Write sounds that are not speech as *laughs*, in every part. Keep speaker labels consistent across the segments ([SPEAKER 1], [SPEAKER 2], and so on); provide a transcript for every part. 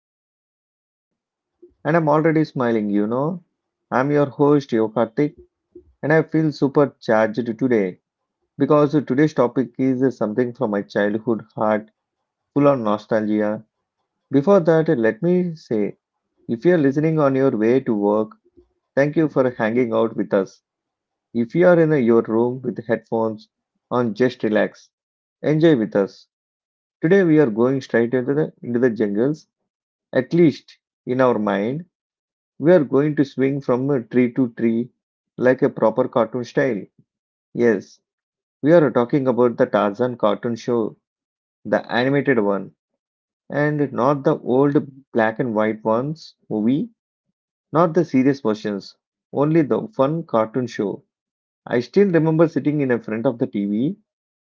[SPEAKER 1] podcast entertainment. And I'm already smiling, you know. I'm your host, Yo Karthik, and I feel super charged today because today's topic is something from my childhood heart, full of nostalgia. Before that, let me say if you're listening on your way to work, thank you for hanging out with us. If you are in your room with headphones on, just relax. Enjoy with us. Today we are going straight into the jungles. At least in our mind, we are going to swing from a tree to tree like a proper cartoon style. Yes, we are talking about the Tarzan cartoon show, the animated one, and not the old black and white ones movie, not the serious versions, only the fun cartoon show. I still remember sitting in front of the TV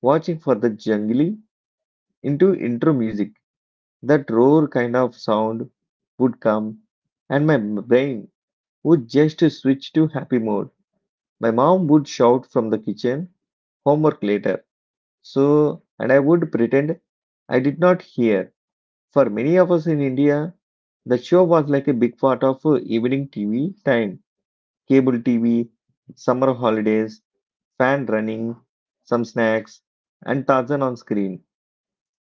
[SPEAKER 1] watching for the jungly into intro music. That roar kind of sound would come, and my brain would just switch to happy mode. My mom would shout from the kitchen, homework later. So, and I would pretend I did not hear. For many of us in India, the show was like a big part of evening TV time, cable TV, summer holidays, fan running, some snacks, and Tarzan on screen.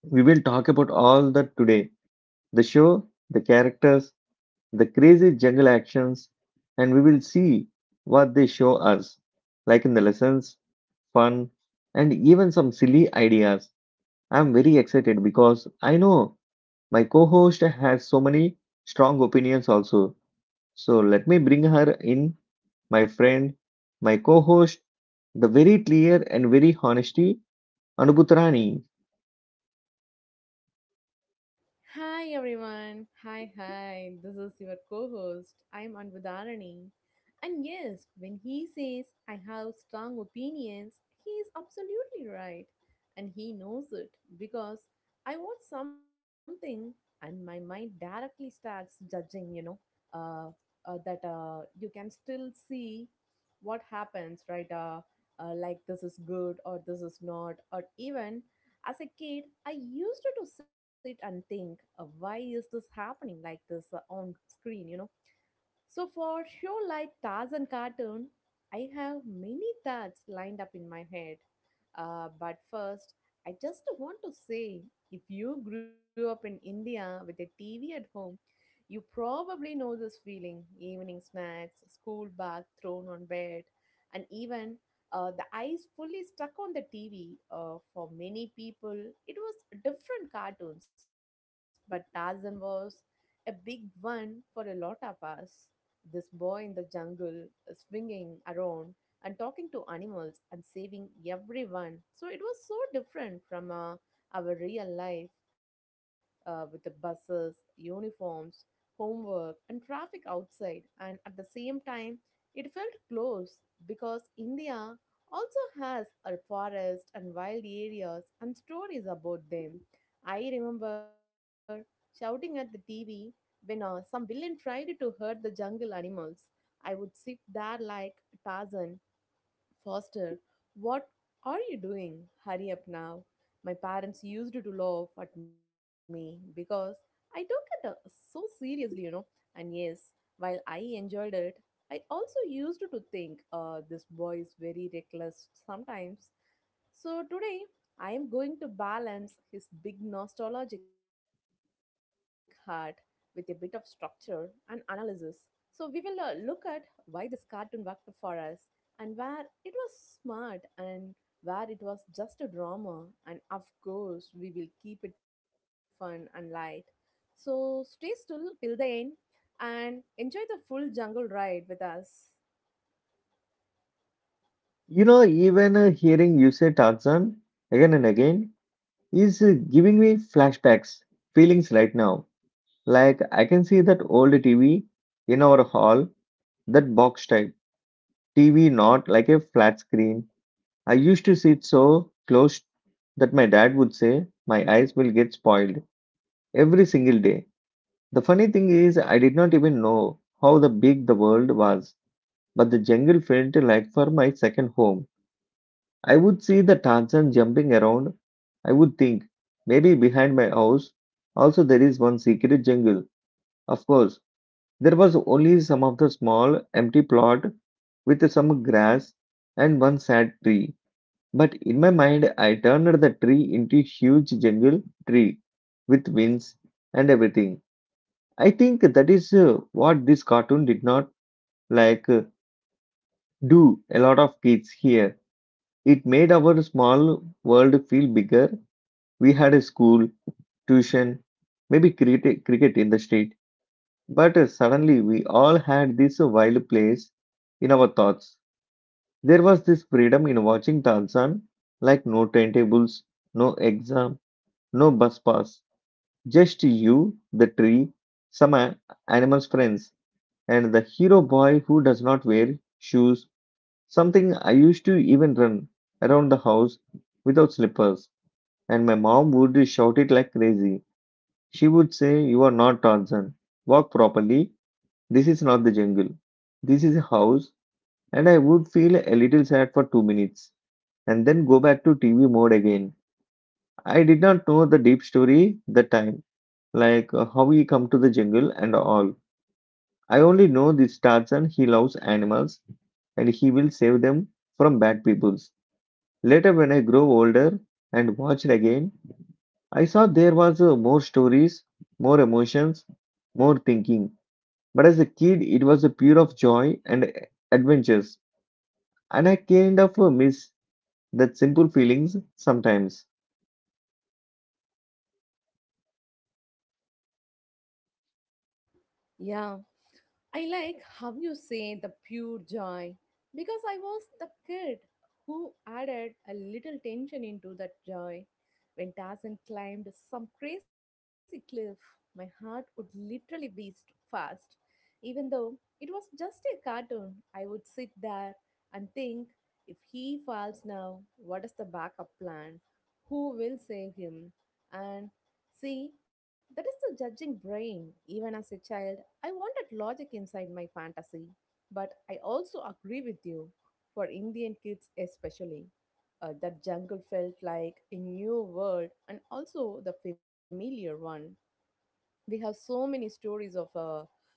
[SPEAKER 1] We will talk about all that today: the show, the characters, the crazy jungle actions, and we will see what they show us, like in the lessons, fun, and even some silly ideas. I'm very excited because I know my co host has so many strong opinions also. So let me bring her in, my friend, my co host, the very clear and very honesty, Anubutrani.
[SPEAKER 2] Hi everyone. Hi, *laughs* hi. This is your co-host. I'm Anbudharani. And yes, when he says I have strong opinions, he is absolutely right. And he knows it because I watch something and my mind directly starts judging, you know, uh, that you can still see what happens, right? Like this is good or this is not, or even as a kid, I used to sit and think, why is this happening like this on screen? You know, so for show like Taz and Cartoon, I have many thoughts lined up in my head. But first, I just want to say, if you grew up in India with a TV at home, you probably know this feeling: evening snacks, school bath thrown on bed, and even the eyes fully stuck on the TV. For many people, it was different cartoons, but Tarzan was a big one for a lot of us. This boy in the jungle swinging around and talking to animals and saving everyone. So it was so different from our real life with the buses, uniforms, homework, and traffic outside. And at the same time, it felt close because India also has a forest and wild areas and stories about them. I remember shouting at the TV when some villain tried to hurt the jungle animals. I would sit there like, Tarzan, Foster, what are you doing? Hurry up now. My parents used to laugh at me because I took it so seriously, you know. And yes, while I enjoyed it, I also used to think this boy is very reckless sometimes. So today, I am going to balance his big nostalgic heart with a bit of structure and analysis. So we will look at why this cartoon worked for us and where it was smart and where it was just a drama, and of course we will keep it fun and light, so stay still till the end and enjoy the full jungle ride with us.
[SPEAKER 1] You know, even hearing you say Tarzan again and again is giving me flashbacks feelings right now. Like I can see that old TV in our hall, that box type TV, not like a flat screen. I used to sit so close that my dad would say my eyes will get spoiled every single day. The funny thing is, I did not even know how the big the world was, but the jungle felt like for my second home. I would see the Tarzan jumping around. I would think maybe behind my house also there is one secret jungle. Of course, there was only some of the small, empty plot with some grass and one sad tree. But in my mind, I turned the tree into huge jungle tree with wings and everything. I think that is what this cartoon did not like do a lot of kids here. It made our small world feel bigger. We had a school, tuition, maybe cricket in the street, but suddenly we all had this wild place in our thoughts. There was this freedom in watching Tarzan, like no turntables, no exam, no bus pass, just you, the tree, some a- animal's friends, and the hero boy who does not wear shoes. Something I used to even run around the house without slippers, and my mom would shout it like crazy. She would say, "You are not Tarzan. Walk properly. This is not the jungle. This is a house." And I would feel a little sad for two minutes and then go back to TV mode again. I did not know the deep story the time, like how he come to the jungle and all. I only know this Tarzan he loves animals and he will save them from bad peoples. Later, when I grow older and watched again, I saw there was more stories, more emotions, more thinking. But as a kid, it was a pure of joy and adventures, and I kind of miss that simple feelings sometimes.
[SPEAKER 2] Yeah, I like how you say the pure joy because I was the kid who added a little tension into that joy. When Tarzan climbed some crazy cliff, my heart would literally beat fast. Even though it was just a cartoon, I would sit there and think, if he falls now, what is the backup plan? Who will save him? And see, that is the judging brain. Even as a child, I wanted logic inside my fantasy, but I also agree with you for Indian kids especially. That jungle felt like a new world and also the familiar one. We have so many stories of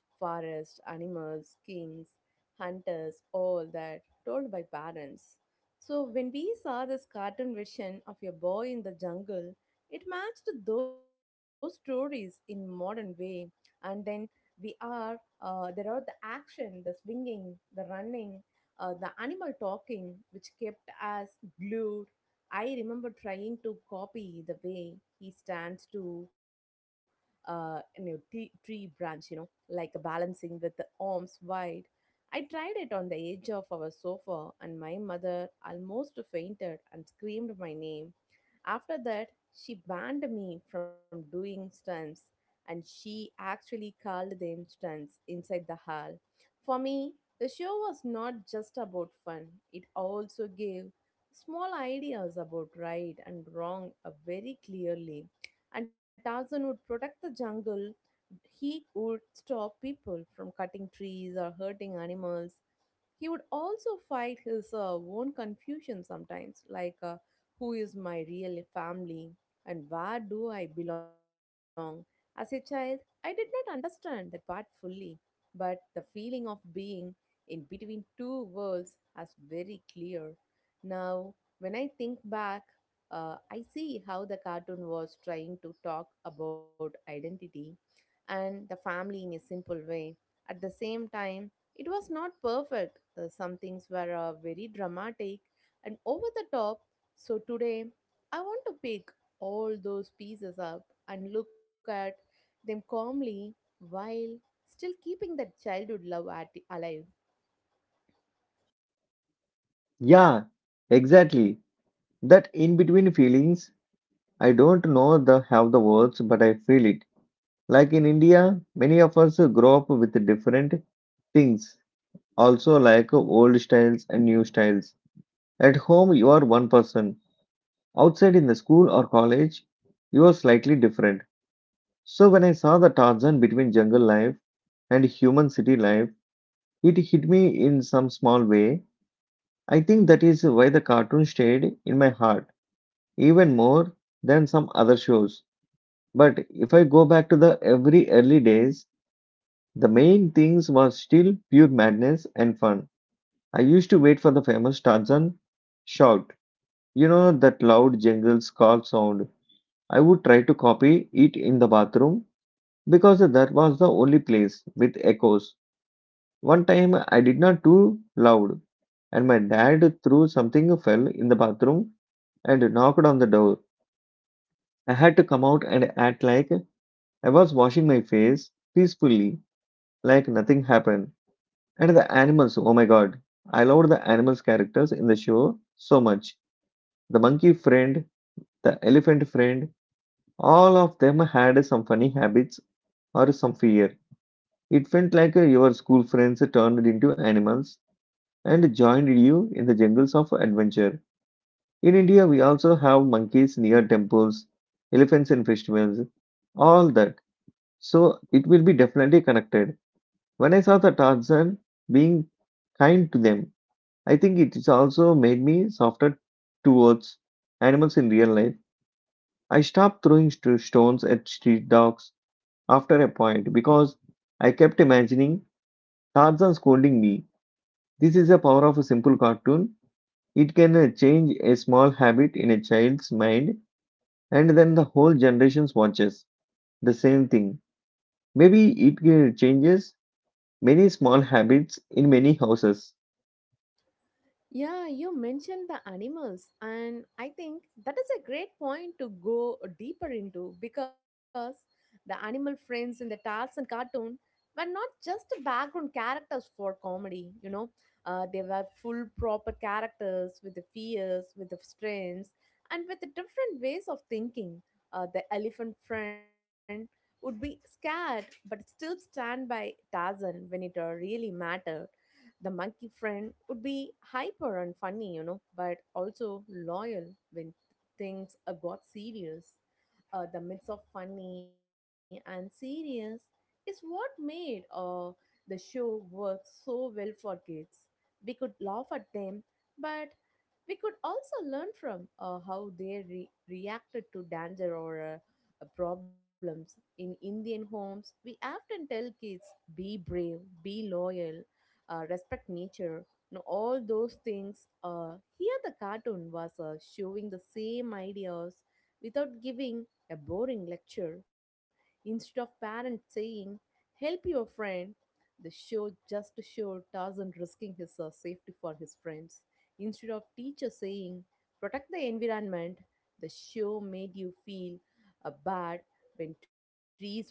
[SPEAKER 2] forest animals, kings, hunters, all that told by parents. So when we saw this cartoon vision of a boy in the jungle, it matched those stories in modern way. And then we are there are the action, the swinging, the running, the animal talking, which kept us glued. I remember trying to copy the way he stands to, you know, tree branch, you know, like a balancing with the arms wide. I tried it on the edge of our sofa, and my mother almost fainted and screamed my name. After that, she banned me from doing stunts, and she actually called them stunts inside the hall. For me, the show was not just about fun, it also gave small ideas about right and wrong very clearly. And Tarzan would protect the jungle. He would stop people from cutting trees or hurting animals. He would also fight his own confusion sometimes, like, who is my real family and where do I belong? As a child, I did not understand that part fully, but the feeling of being in between two worlds is very clear. Now, when I think back, I see how the cartoon was trying to talk about identity and the family in a simple way. At the same time, it was not perfect. Some things were very dramatic and over the top. So today, I want to pick all those pieces up and look at them calmly while still keeping that childhood love alive.
[SPEAKER 1] Yeah, exactly. That in between feelings, I don't know the have the words, but I feel it. Like in India, many of us grow up with different things, also like old styles and new styles. At home, you are one person. Outside in the school or college, you are slightly different. So when I saw the Tarzan between jungle life and human city life, it hit me in some small way. I think that is why the cartoon stayed in my heart even more than some other shows. But if I go back to the every early days, the main things was still pure madness and fun. I used to wait for the famous Tarzan shout. You know that loud jingles call sound. I would try to copy it in the bathroom because that was the only place with echoes. One time I did not too loud and my dad threw something fell in the bathroom and knocked on the door. I had to come out and act like I was washing my face peacefully, like nothing happened. And the animals, oh my god, I loved the animals' characters in the show so much. The monkey friend, the elephant friend, all of them had some funny habits or some fear. It felt like your school friends turned into animals and joined you in the jungles of adventure. In India, we also have monkeys near temples, elephants in festivals, all that. So it will be definitely connected. When I saw the Tarzan being kind to them, I think it is also made me softer towards animals in real life. I stopped throwing stones at street dogs after a point because I kept imagining Tarzan scolding me. This is the power of a simple cartoon. It can change a small habit in a child's mind, and then the whole generation watches the same thing. Maybe it changes many small habits in many houses.
[SPEAKER 2] Yeah, you mentioned the animals, and I think that is a great point to go deeper into because the animal friends in the Tarzan cartoon were not just background characters for comedy, you know. They were full proper characters with the fears, with the strengths, and with the different ways of thinking. The elephant friend would be scared but still stand by Tarzan when it really mattered. The monkey friend would be hyper and funny, you know, but also loyal when things got serious. The mix of funny and serious is what made the show work so well for kids. We could laugh at them, but we could also learn from how they reacted to danger or problems. In Indian homes, we often tell kids, be brave, be loyal, respect nature. You know, all those things. Here, the cartoon was showing the same ideas without giving a boring lecture. Instead of parents saying, help your friend, the show just showed Tarzan risking his safety for his friends. Instead of teacher saying, protect the environment, the show made you feel bad when trees were cut.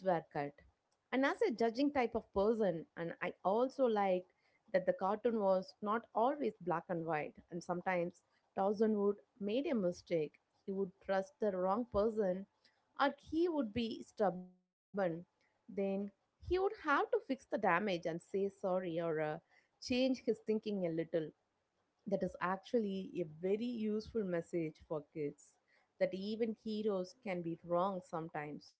[SPEAKER 2] And as a judging type of person, and I also liked that the cartoon was not always black and white, and sometimes Tarzan would made a mistake. He would trust the wrong person, or he would be stubborn. Then he would have to fix the damage and say sorry, or change his thinking a little. That is actually a very useful message for kids, that even heroes can be wrong sometimes.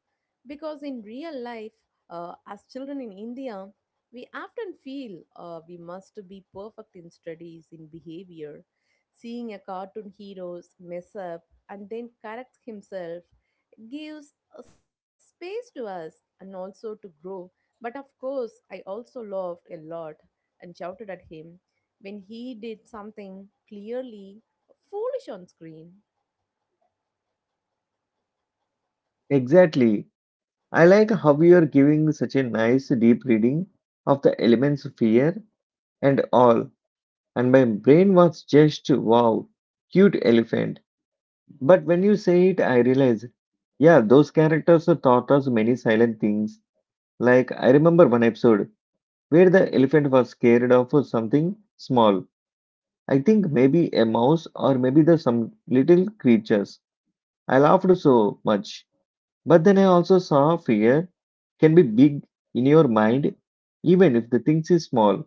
[SPEAKER 2] Because in real life, as children in India, we often feel we must be perfect in studies, in behavior. Seeing a cartoon hero mess up and then correct himself gives a space to us and also to grow. But of course, I also laughed a lot and shouted at him when he did something clearly foolish on screen.
[SPEAKER 1] Exactly. I like how you're giving such a nice deep reading of the elements of fear and all, and my brain was just wow, cute elephant. But when you say it, I realize, yeah, those characters taught us many silent things. Like, I remember one episode where the elephant was scared of something small. I think maybe a mouse or maybe the some little creatures. I laughed so much. But then I also saw fear can be big in your mind, even if the things is small.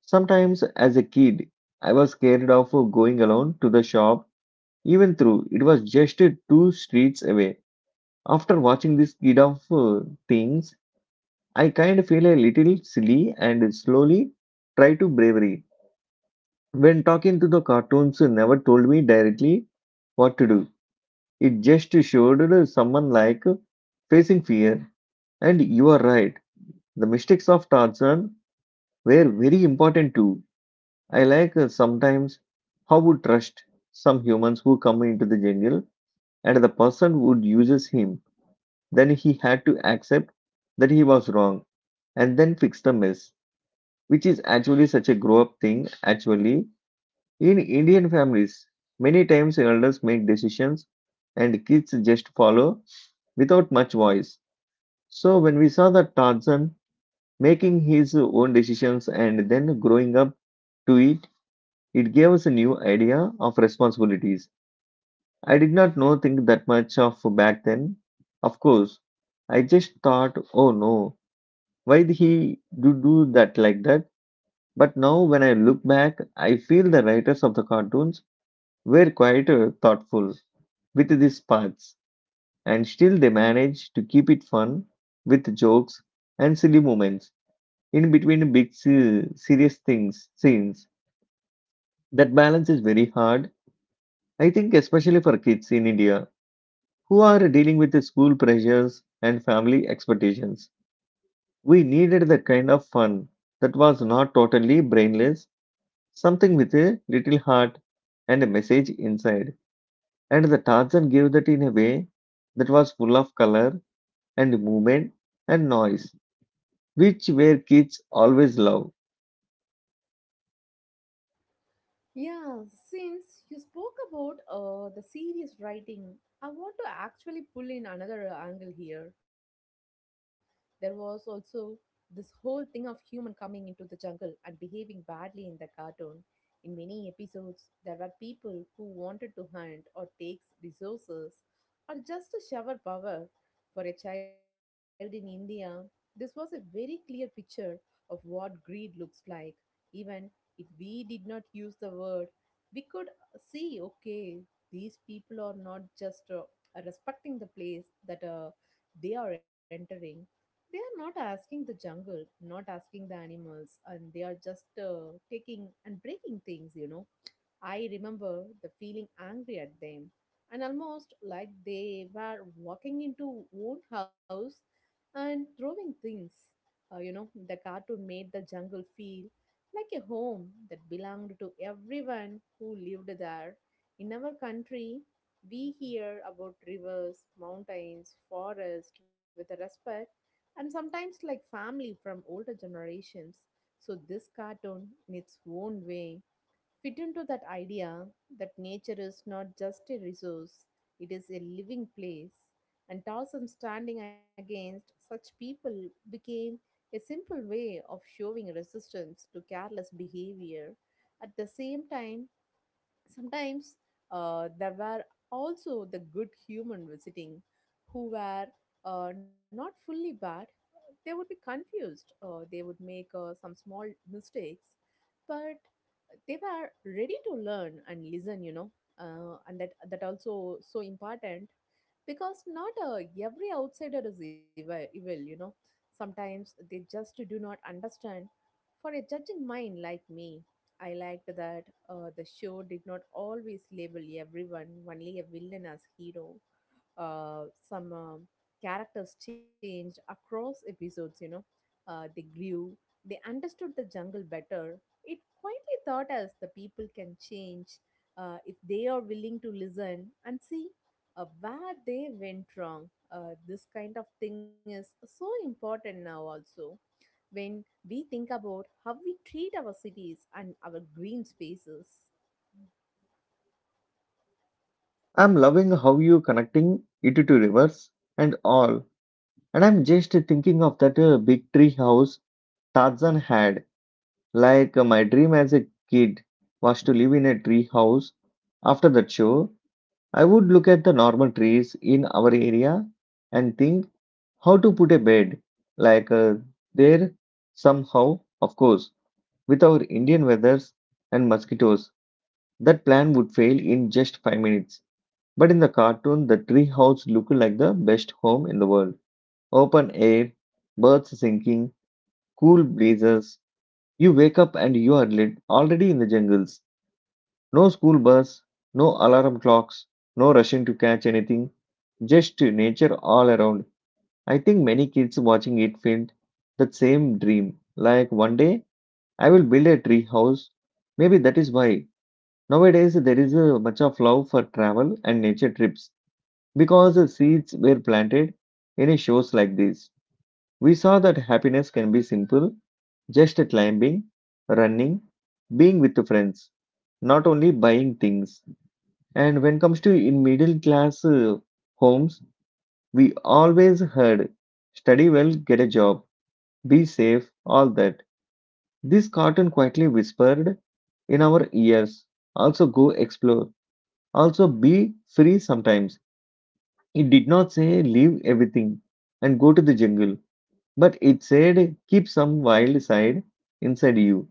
[SPEAKER 1] Sometimes as a kid, I was scared of going alone to the shop, even though it was just two streets away. After watching this kid of things, I kind of feel a little silly and slowly try to bravery. When talking to the cartoons, never told me directly what to do. It just showed someone like facing fear. And you are right. The mistakes of Tarzan were very important too. I like sometimes how would trust some humans who come into the jungle and the person would uses him. Then he had to accept that he was wrong and then fix the mess, which is actually such a grow up thing. Actually, in Indian families, many times elders make decisions and kids just follow without much voice. So when we saw that Tarzan making his own decisions and then growing up to it, it gave us a new idea of responsibilities. I did not know think that much of back then. Of course, I just thought oh no, why did he do that like that. But now when I look back I feel the writers of the cartoons were quite thoughtful with these parts, and still they managed to keep it fun with jokes and silly moments in between big serious things scenes. That balance is very hard, I think, especially for kids in India who are dealing with the school pressures and family expectations. We needed that kind of fun that was not totally brainless, something with a little heart and a message inside. And the Tarzan gave that in a way that was full of color and movement and noise, which where kids always love.
[SPEAKER 2] Yeah, since you spoke about the serious writing, I want to actually pull in another angle here. There was also this whole thing of human coming into the jungle and behaving badly in the cartoon. In many episodes, there were people who wanted to hunt or take resources or just to shower power. For a child in India, this was a very clear picture of what greed looks like. Even if we did not use the word, we could see, okay, these people are not just respecting the place that they are entering. They are not asking the jungle, not asking the animals, and they are just taking and breaking things, you know. I remember the feeling angry at them and almost like they were walking into own house and throwing things. You know, the cartoon made the jungle feel like a home that belonged to everyone who lived there. In our country, we hear about rivers, mountains, forests with respect and sometimes like family from older generations. So this cartoon in its own way fit into that idea that nature is not just a resource, it is a living place. And Taoism standing against such people became a simple way of showing resistance to careless behavior. At the same time, sometimes there were also the good human visiting who were not fully bad. They would be confused, they would make some small mistakes, but they were ready to learn and listen, you know. And that also so important, because not every outsider is evil, you know, sometimes they just do not understand. For a judging mind like me, I liked that the show did not always label everyone only a villain as hero. Some characters changed across episodes, you know. They grew, they understood the jungle better. It quietly taught us the people can change if they are willing to listen and see where they went wrong. This kind of thing is so important now also, when we think about how we treat our cities and our green spaces.
[SPEAKER 1] I'm loving how you connecting it to rivers and all. And I'm just thinking of that big tree house Tarzan had. Like my dream as a kid was to live in a tree house. After that show, I would look at the normal trees in our area and think how to put a bed like there somehow, of course, with our Indian weathers and mosquitoes. That plan would fail in just 5 minutes. But in the cartoon, the tree house looked like the best home in the world. Open air, birds singing cool blazers. You wake up and you are lit, already in the jungles. No school bus, no alarm clocks, no rushing to catch anything, just nature all around. I think many kids watching it felt that same dream. Like one day I will build a tree house. Maybe that is why nowadays there is a much of love for travel and nature trips because the seeds were planted in a shows like this. We saw that happiness can be simple, just climbing, running, being with friends, not only buying things. And when comes to in middle class homes, we always heard study well, get a job, be safe, all that. This cartoon quietly whispered in our ears. Also go explore. Also be free sometimes. It did not say leave everything and go to the jungle. But it said, keep some wild side inside you.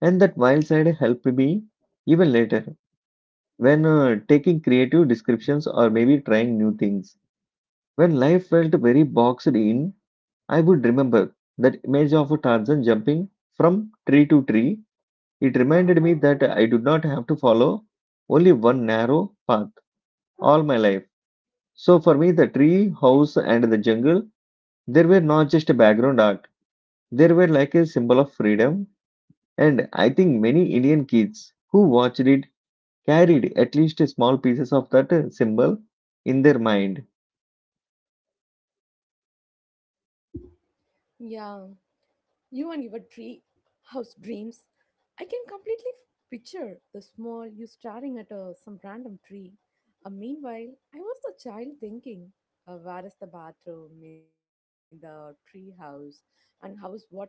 [SPEAKER 1] And that wild side helped me even later when taking creative descriptions or maybe trying new things. When life felt very boxed in, I would remember that image of Tarzan jumping from tree to tree. It reminded me that I do not have to follow only one narrow path all my life. So for me, the tree, house, and the jungle, they were not just a background art, they were like a symbol of freedom. And I think many Indian kids who watched it carried at least small pieces of that symbol in their mind.
[SPEAKER 2] Yeah. You and your tree house dreams. I can completely picture the small you staring at a, some random tree. Meanwhile, I was the child thinking, where is the bathroom in the tree house and how is water coming?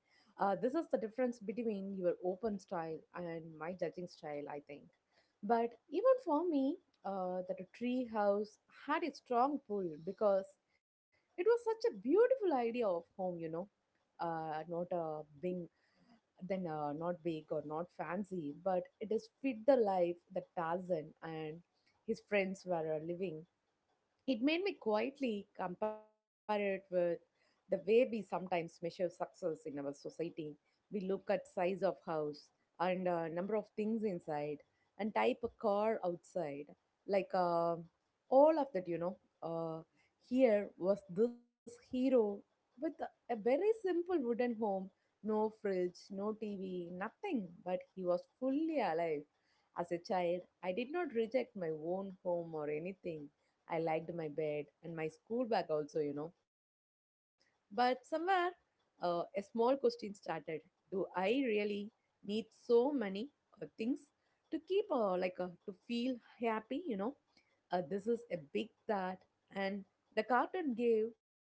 [SPEAKER 2] This is the difference between your open style and my judging style, I think. But even for me, that a tree house had a strong pull because it was such a beautiful idea of home, you know not being then not big or not fancy, but it is fit the life that Tarzan and his friends were living. It made me quietly compare it with the way we sometimes measure success in our society. We look at size of house and number of things inside and type a car outside. Like all of that, you know. Here was this hero with a very simple wooden home, no fridge, no TV, nothing, but he was fully alive. As a child, I did not reject my own home or anything. I liked my bed and my school bag also. But somewhere, a small question started. Do I really need so many things to keep, to feel happy, you know? This is a big thought, and the cartoon gave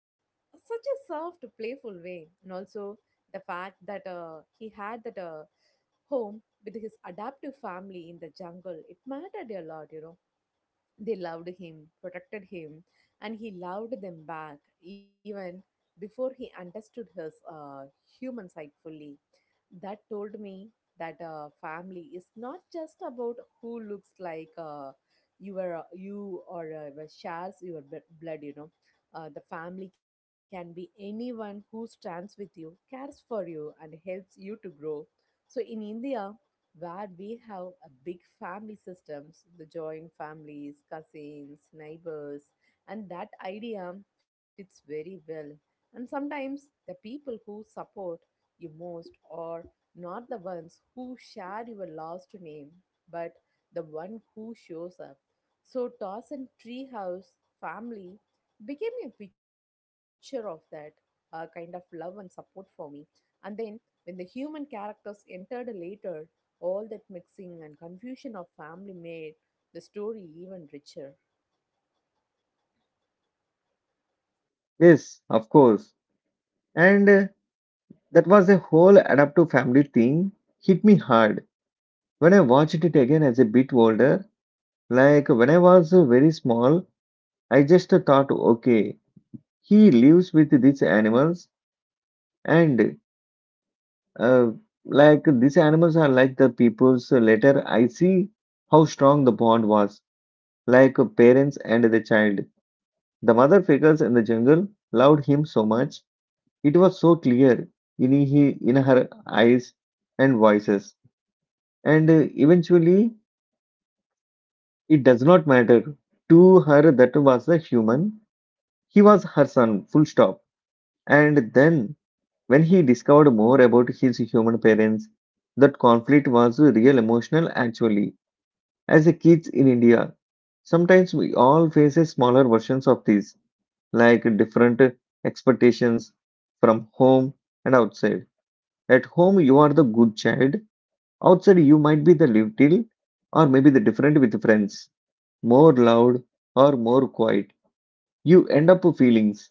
[SPEAKER 2] such a soft, playful way, and also the fact that he had that home with his adoptive family in the jungle. It mattered a lot, you know, they loved him, protected him, and he loved them back even before he understood his human side fully. That told me that family is not just about who looks like you or shares your blood. The family can be anyone who stands with you, cares for you, and helps you to grow. So in India, where we have a big family systems, the joint families, cousins, neighbors, and that idea fits very well. And sometimes the people who support you most are not the ones who share your last name, but the one who shows up. So toss and treehouse family became a picture of that kind of love and support for me. And then when the human characters entered later, all that mixing and confusion of family made the story even richer.
[SPEAKER 1] Yes, of course. And that was a whole adaptive family thing hit me hard when I watched it again as a bit older. Like when I was very small, I just thought, okay, he lives with these animals, and uh, like these animals are like the people's. Later, I see how strong the bond was like parents and the child. The mother figures in the jungle loved him so much. It was so clear in, he, in her eyes and voices. And eventually, it does not matter. To her, that was a human. He was her son, full stop. And then, when he discovered more about his human parents, that conflict was real emotional actually. As a kids in India, sometimes we all face a smaller versions of this like different expectations from home and outside. At home, you are the good child. Outside, you might be the little or maybe the different with friends, more loud or more quiet. You end up feelings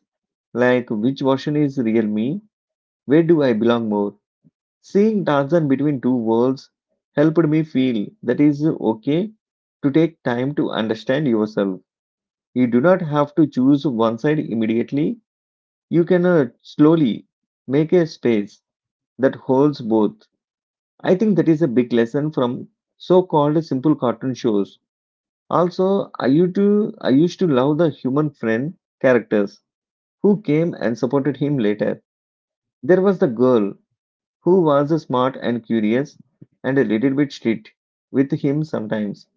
[SPEAKER 1] like which version is real me? Where do I belong more? Seeing Tarzan between two worlds helped me feel that is okay to take time to understand yourself. You do not have to choose one side immediately. You cannot slowly make a space that holds both. I think that is a big lesson from so called simple cartoon shows. Also, I used to love the human friend characters who came and supported him later. There was the girl who was smart and curious and a little bit strict with him sometimes.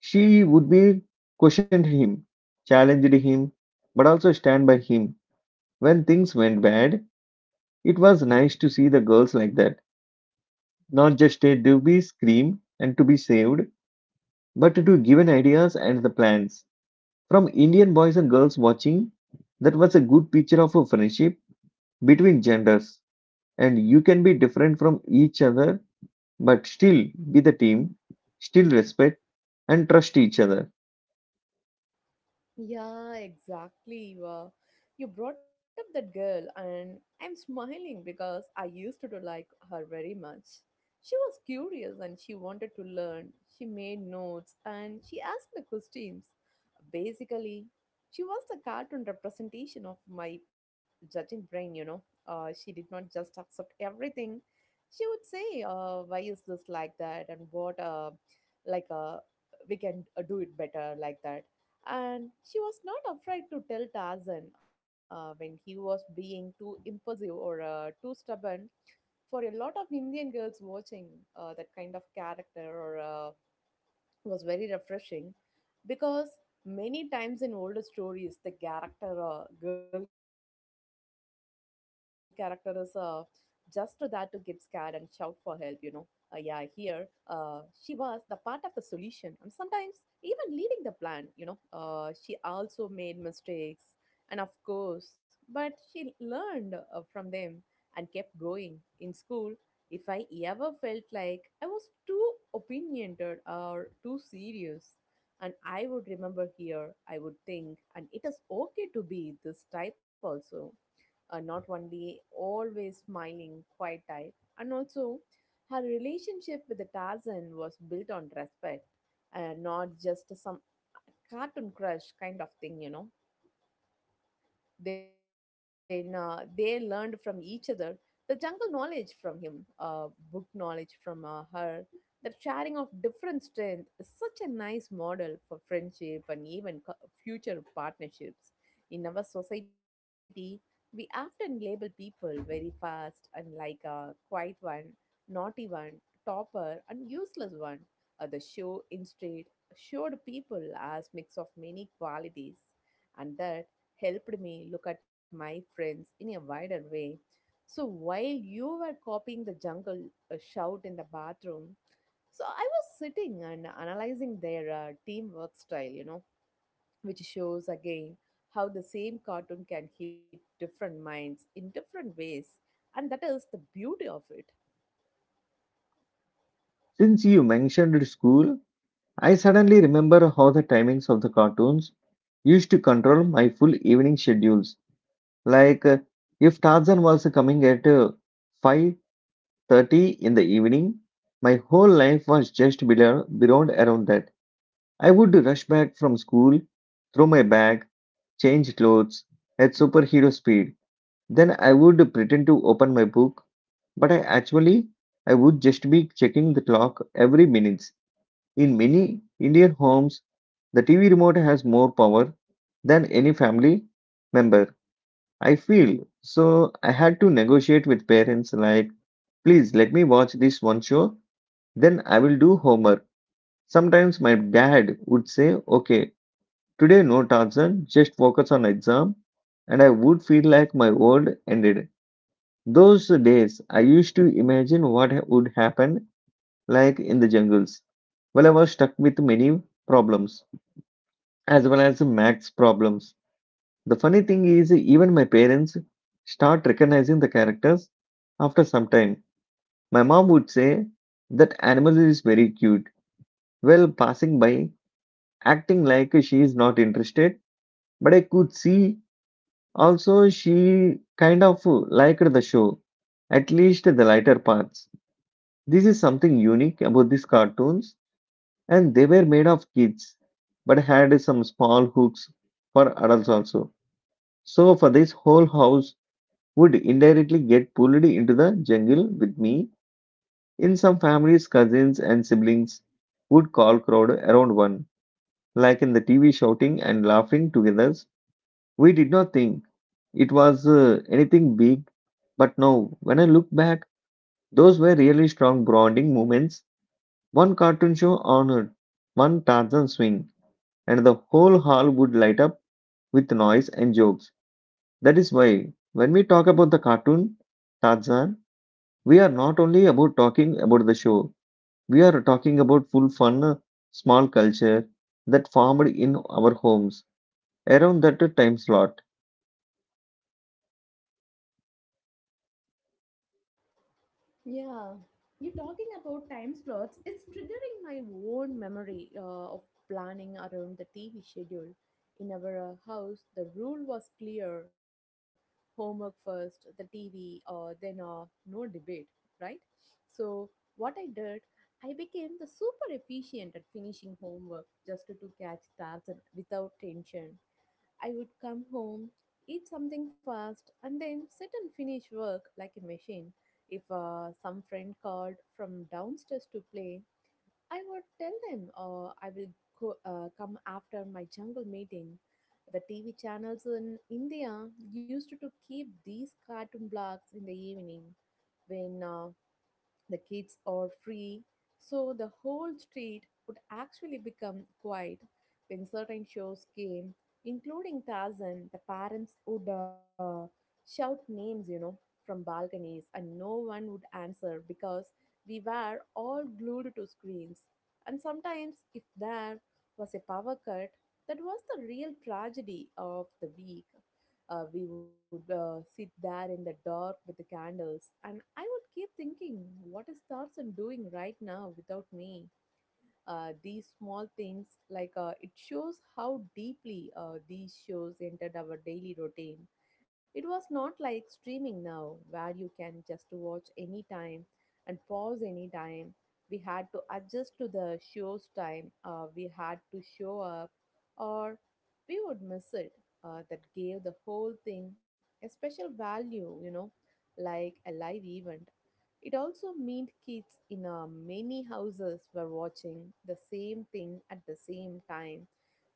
[SPEAKER 1] She would be questioned him, challenged him, but also stand by him. When things went bad, it was nice to see the girls like that. Not just a to be screamed and to be saved, but to given ideas and the plans. From Indian boys and girls watching, that was a good picture of a friendship between genders. And you can be different from each other, but still be the team, still respect and trust each other.
[SPEAKER 2] Yeah, exactly. You are. You brought up that girl, and I'm smiling because I used to like her very much. She was curious and she wanted to learn. She made notes and she asked the questions. Basically, she was the cartoon representation of my judging brain, you know. She did not just accept everything. She would say, why is this like that? And what, like, uh, we can do it better like that. And she was not afraid to tell Tarzan when he was being too impulsive or too stubborn. For a lot of Indian girls watching, that kind of character or was very refreshing because many times in older stories the character girl character is just there to get scared and shout for help, you know. Yeah, here uh, she was the part of the solution and sometimes even leading the plan, you know. She also made mistakes and of course, but she learned from them and kept going in school. If I ever felt like I was too opinionated or too serious, and I would remember here, I would think, and it is okay to be this type also, not only always smiling, quiet type. And also her relationship with the Tarzan was built on respect, not just some cartoon crush kind of thing, you know. Then they learned from each other, the jungle knowledge from him, book knowledge from her. The sharing of different strength is such a nice model for friendship and even future partnerships. In our society, we often label people very fast and like a quiet one, naughty one, topper, and useless one. The show instead showed people as mix of many qualities, and that helped me look at my friends in a wider way. So while you were copying the jungle shout in the bathroom, so I was sitting and analyzing their teamwork style, you know, which shows again how the same cartoon can hit different minds in different ways. And that is the beauty of it.
[SPEAKER 1] Since you mentioned school, I suddenly remember how the timings of the cartoons used to control my full evening schedules. Like if Tarzan was coming at 5:30 in the evening. My whole life was just below, beyond around that. I would rush back from school, throw my bag, change clothes at superhero speed. Then I would pretend to open my book, but I would just be checking the clock every minutes. In many Indian homes, the TV remote has more power than any family member. I feel so I had to negotiate with parents like, please let me watch this one show then I will do homework. Sometimes my dad would say, okay, today no Tarzan, just focus on exam. And I would feel like my world ended. Those days, I used to imagine what would happen like in the jungles. Well, I was stuck with many problems as well as max problems. The funny thing is, even my parents start recognizing the characters after some time. My mom would say, that animal is very cute. Well, passing by, acting like she is not interested, but I could see also she kind of liked the show, at least the lighter parts. This is something unique about these cartoons, and they were made of kids, but had some small hooks for adults also. So, for this whole house would indirectly get pulled into the jungle with me. In some families, cousins and siblings would call crowd around one, like in the TV shouting and laughing together we did not think it was anything big. But now, when I look back, those were really strong bonding moments. One cartoon show on one Tarzan swing, and the whole hall would light up with noise and jokes. That is why, when we talk about the cartoon Tarzan, we are not only about talking about the show, we are talking about full fun, small culture that formed in our homes around that time slot.
[SPEAKER 2] Yeah, you talking about time slots. It's triggering my own memory of planning around the TV schedule. In our house, the rule was clear: homework first, the TV, then no debate, right? So what I did, I became the super efficient at finishing homework just to catch stars and without tension. I would come home, eat something fast, and then sit and finish work like a machine. If some friend called from downstairs to play, I would tell them I will come after my jungle meeting. The TV channels in India used to keep these cartoon blocks in the evening when the kids are free, so the whole street would actually become quiet when certain shows came, including Tarzan. The parents would shout names, you know, from balconies, and no one would answer because we were all glued to screens. And sometimes, if there was a power cut, that was the real tragedy of the week. We would sit there in the dark with the candles, and I would keep thinking, what is Tarzan doing right now without me? These small things, it shows how deeply these shows entered our daily routine. It was not like streaming now, where you can just watch anytime and pause anytime. We had to adjust to the show's time. We had to show up, or we would miss it. That gave the whole thing a special value, you know, like a live event. It also meant kids in many houses were watching the same thing at the same time.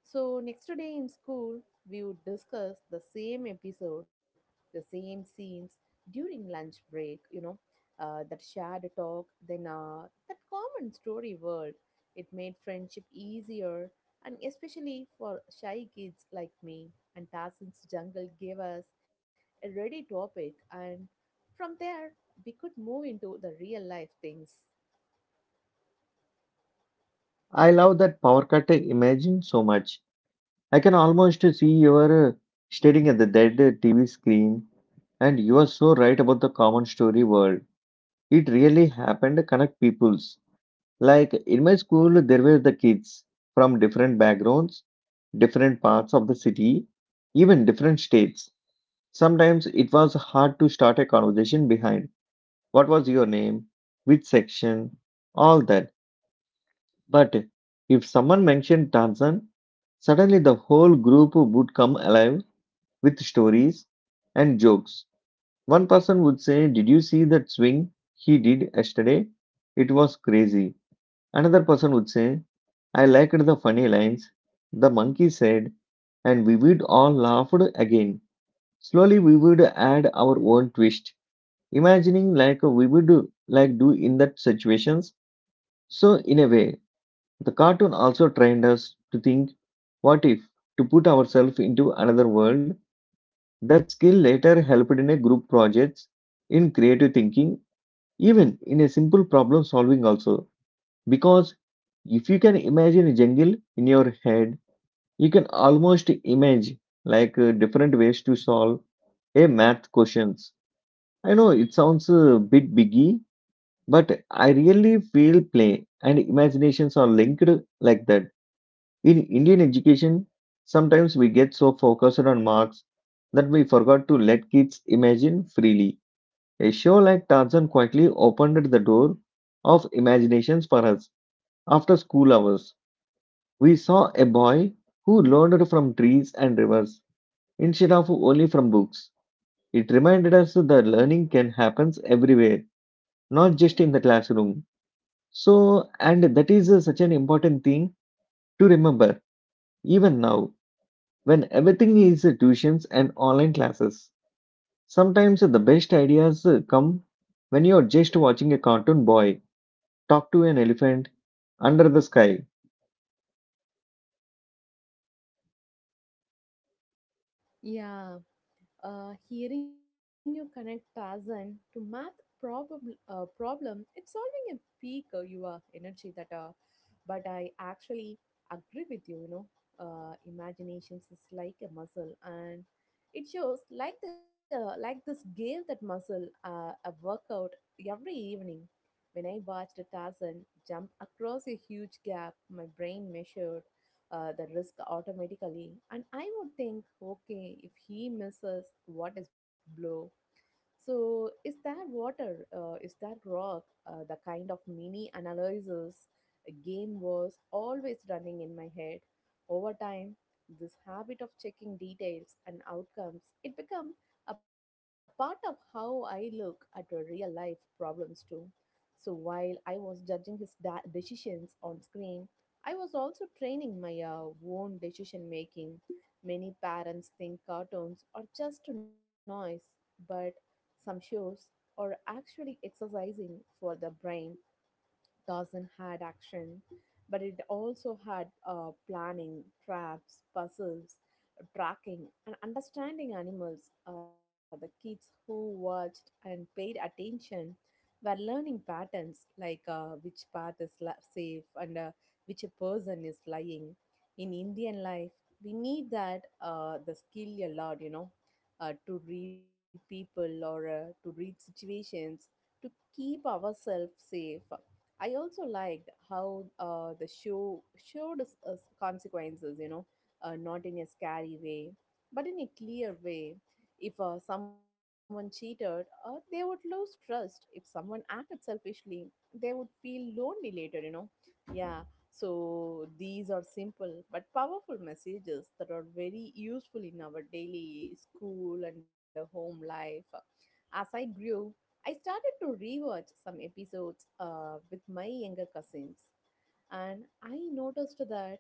[SPEAKER 2] So, next day in school, we would discuss the same episode, the same scenes during lunch break, that shared talk, then that common story world. It made friendship easier, and especially for shy kids like me. And Tarzan's Jungle gave us a ready topic, and from there, we could move into the real life things.
[SPEAKER 1] I love that power cut I imagine so much. I can almost see you are staring at the dead TV screen, and you are so right about the common story world. It really happened to connect peoples. Like in my school, there were the kids from different backgrounds, different parts of the city, even different states. Sometimes it was hard to start a conversation behind what was your name, which section, all that. But if someone mentioned Tanzan, suddenly the whole group would come alive with stories and jokes. One person would say, did you see that swing he did yesterday? It was crazy. Another person would say, I liked the funny lines. The monkey said, and we would all laugh again. Slowly, we would add our own twist, imagining like we would like do in that situations. So, in a way, the cartoon also trained us to think, "What if?" to put ourselves into another world that skill later helped in a group projects, in creative thinking, even in a simple problem solving also. Because if you can imagine a jungle in your head, you can almost imagine like different ways to solve a math questions. I know it sounds a bit biggie, but I really feel play and imaginations are linked like that. In Indian education, sometimes we get so focused on marks that we forgot to let kids imagine freely. A show like Tarzan quietly opened the door of imaginations for us. After school hours, we saw a boy who learned from trees and rivers instead of only from books. It reminded us that learning can happen everywhere, not just in the classroom. So, and that is such an important thing to remember even now when everything is tuitions and online classes. Sometimes the best ideas come when you're just watching a cartoon boy talk to an elephant under the sky.
[SPEAKER 2] Yeah, hearing you connect Tarzan to math problem, it's solving a peak your energy that. But I actually agree with you. You know, imaginations is like a muscle, and it shows like the like this gave that muscle a workout every evening. When I watched Tarzan jump across a huge gap, my brain measured the risk automatically, and I would think, okay, if he misses, what is blow? So, is that water, is that rock, the kind of mini analysis game was always running in my head? Over time, this habit of checking details and outcomes, it become a part of how I look at a real life problems too. So while I was judging his decisions on screen, I was also training my own decision making. Many parents think cartoons are just noise, but some shows are actually exercising for the brain. Dawson had action, but it also had planning, traps, puzzles, tracking, and understanding animals. The kids who watched and paid attention were learning patterns like which path is safe and which a person is lying. In Indian life, we need that the skill a lot, you know, to read people or to read situations to keep ourselves safe. I also liked how the show showed us consequences, you know, not in a scary way, but in a clear way. If someone cheated, they would lose trust. If someone acted selfishly, they would feel lonely later, you know. Yeah, so these are simple but powerful messages that are very useful in our daily school and home life. As I grew, I started to rewatch some episodes with my younger cousins, and I noticed that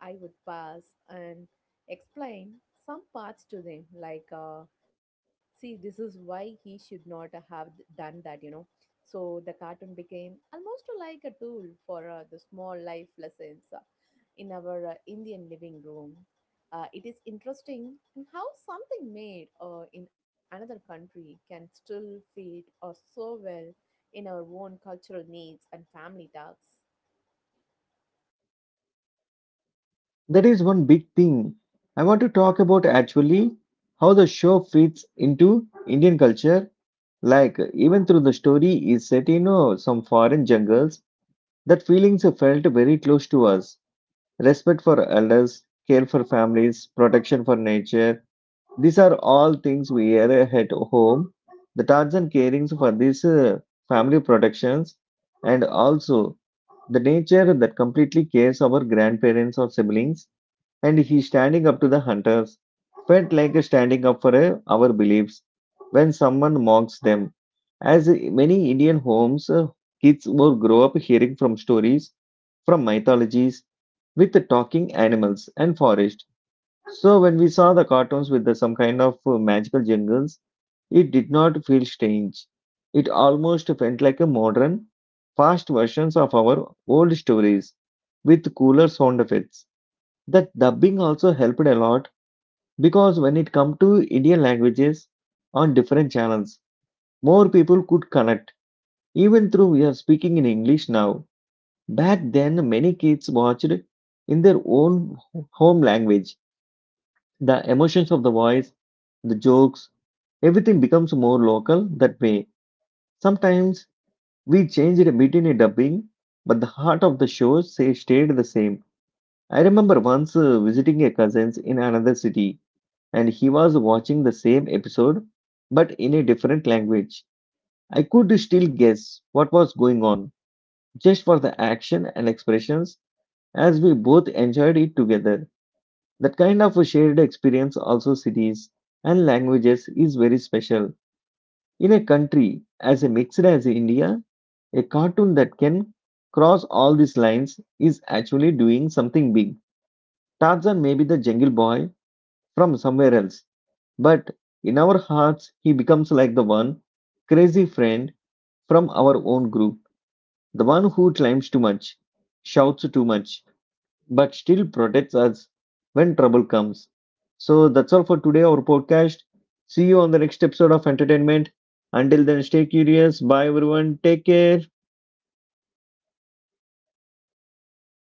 [SPEAKER 2] I would pass and explain some parts to them, see, this is why he should not have done that, you know. So the cartoon became almost like a tool for the small life lessons in our Indian living room. It is interesting how something made in another country can still fit or so well in our own cultural needs and family tasks.
[SPEAKER 1] That is one big thing. I want to talk about actually how the show fits into Indian culture. Like, even through the story is set in some foreign jungles, that feelings felt very close to us. Respect for elders, care for families, protection for nature, these are all things we hear at home. The Tarzan carings for these family protections and also the nature that completely cares our grandparents or siblings and he standing up to the hunters felt like a standing up for our beliefs when someone mocks them. As many Indian homes, kids will grow up hearing from stories, from mythologies, with the talking animals and forest. So when we saw the cartoons with the, some kind of magical jungles, it did not feel strange. It almost felt like a modern, fast versions of our old stories with cooler sound effects. The dubbing also helped a lot because when it come to Indian languages on different channels, more people could connect. Even though we are speaking in English now, back then many kids watched in their own home language. The emotions of the voice, the jokes, everything becomes more local that way. Sometimes we changed a bit in a dubbing, but the heart of the show say, stayed the same. I remember once visiting a cousin's in another city, and he was watching the same episode, but in a different language. I could still guess what was going on, just for the action and expressions, as we both enjoyed it together. That kind of a shared experience, also cities and languages, is very special. In a country as a mixed as India, a cartoon that can cross all these lines is actually doing something big. Tarzan may be the jungle boy from somewhere else, but in our hearts, he becomes like the one crazy friend from our own group, the one who climbs too much, shouts too much, but still protects us when trouble comes. So that's all for today, our podcast. See you on the next episode of Entertainment. Until then, stay curious. Bye, everyone. Take care.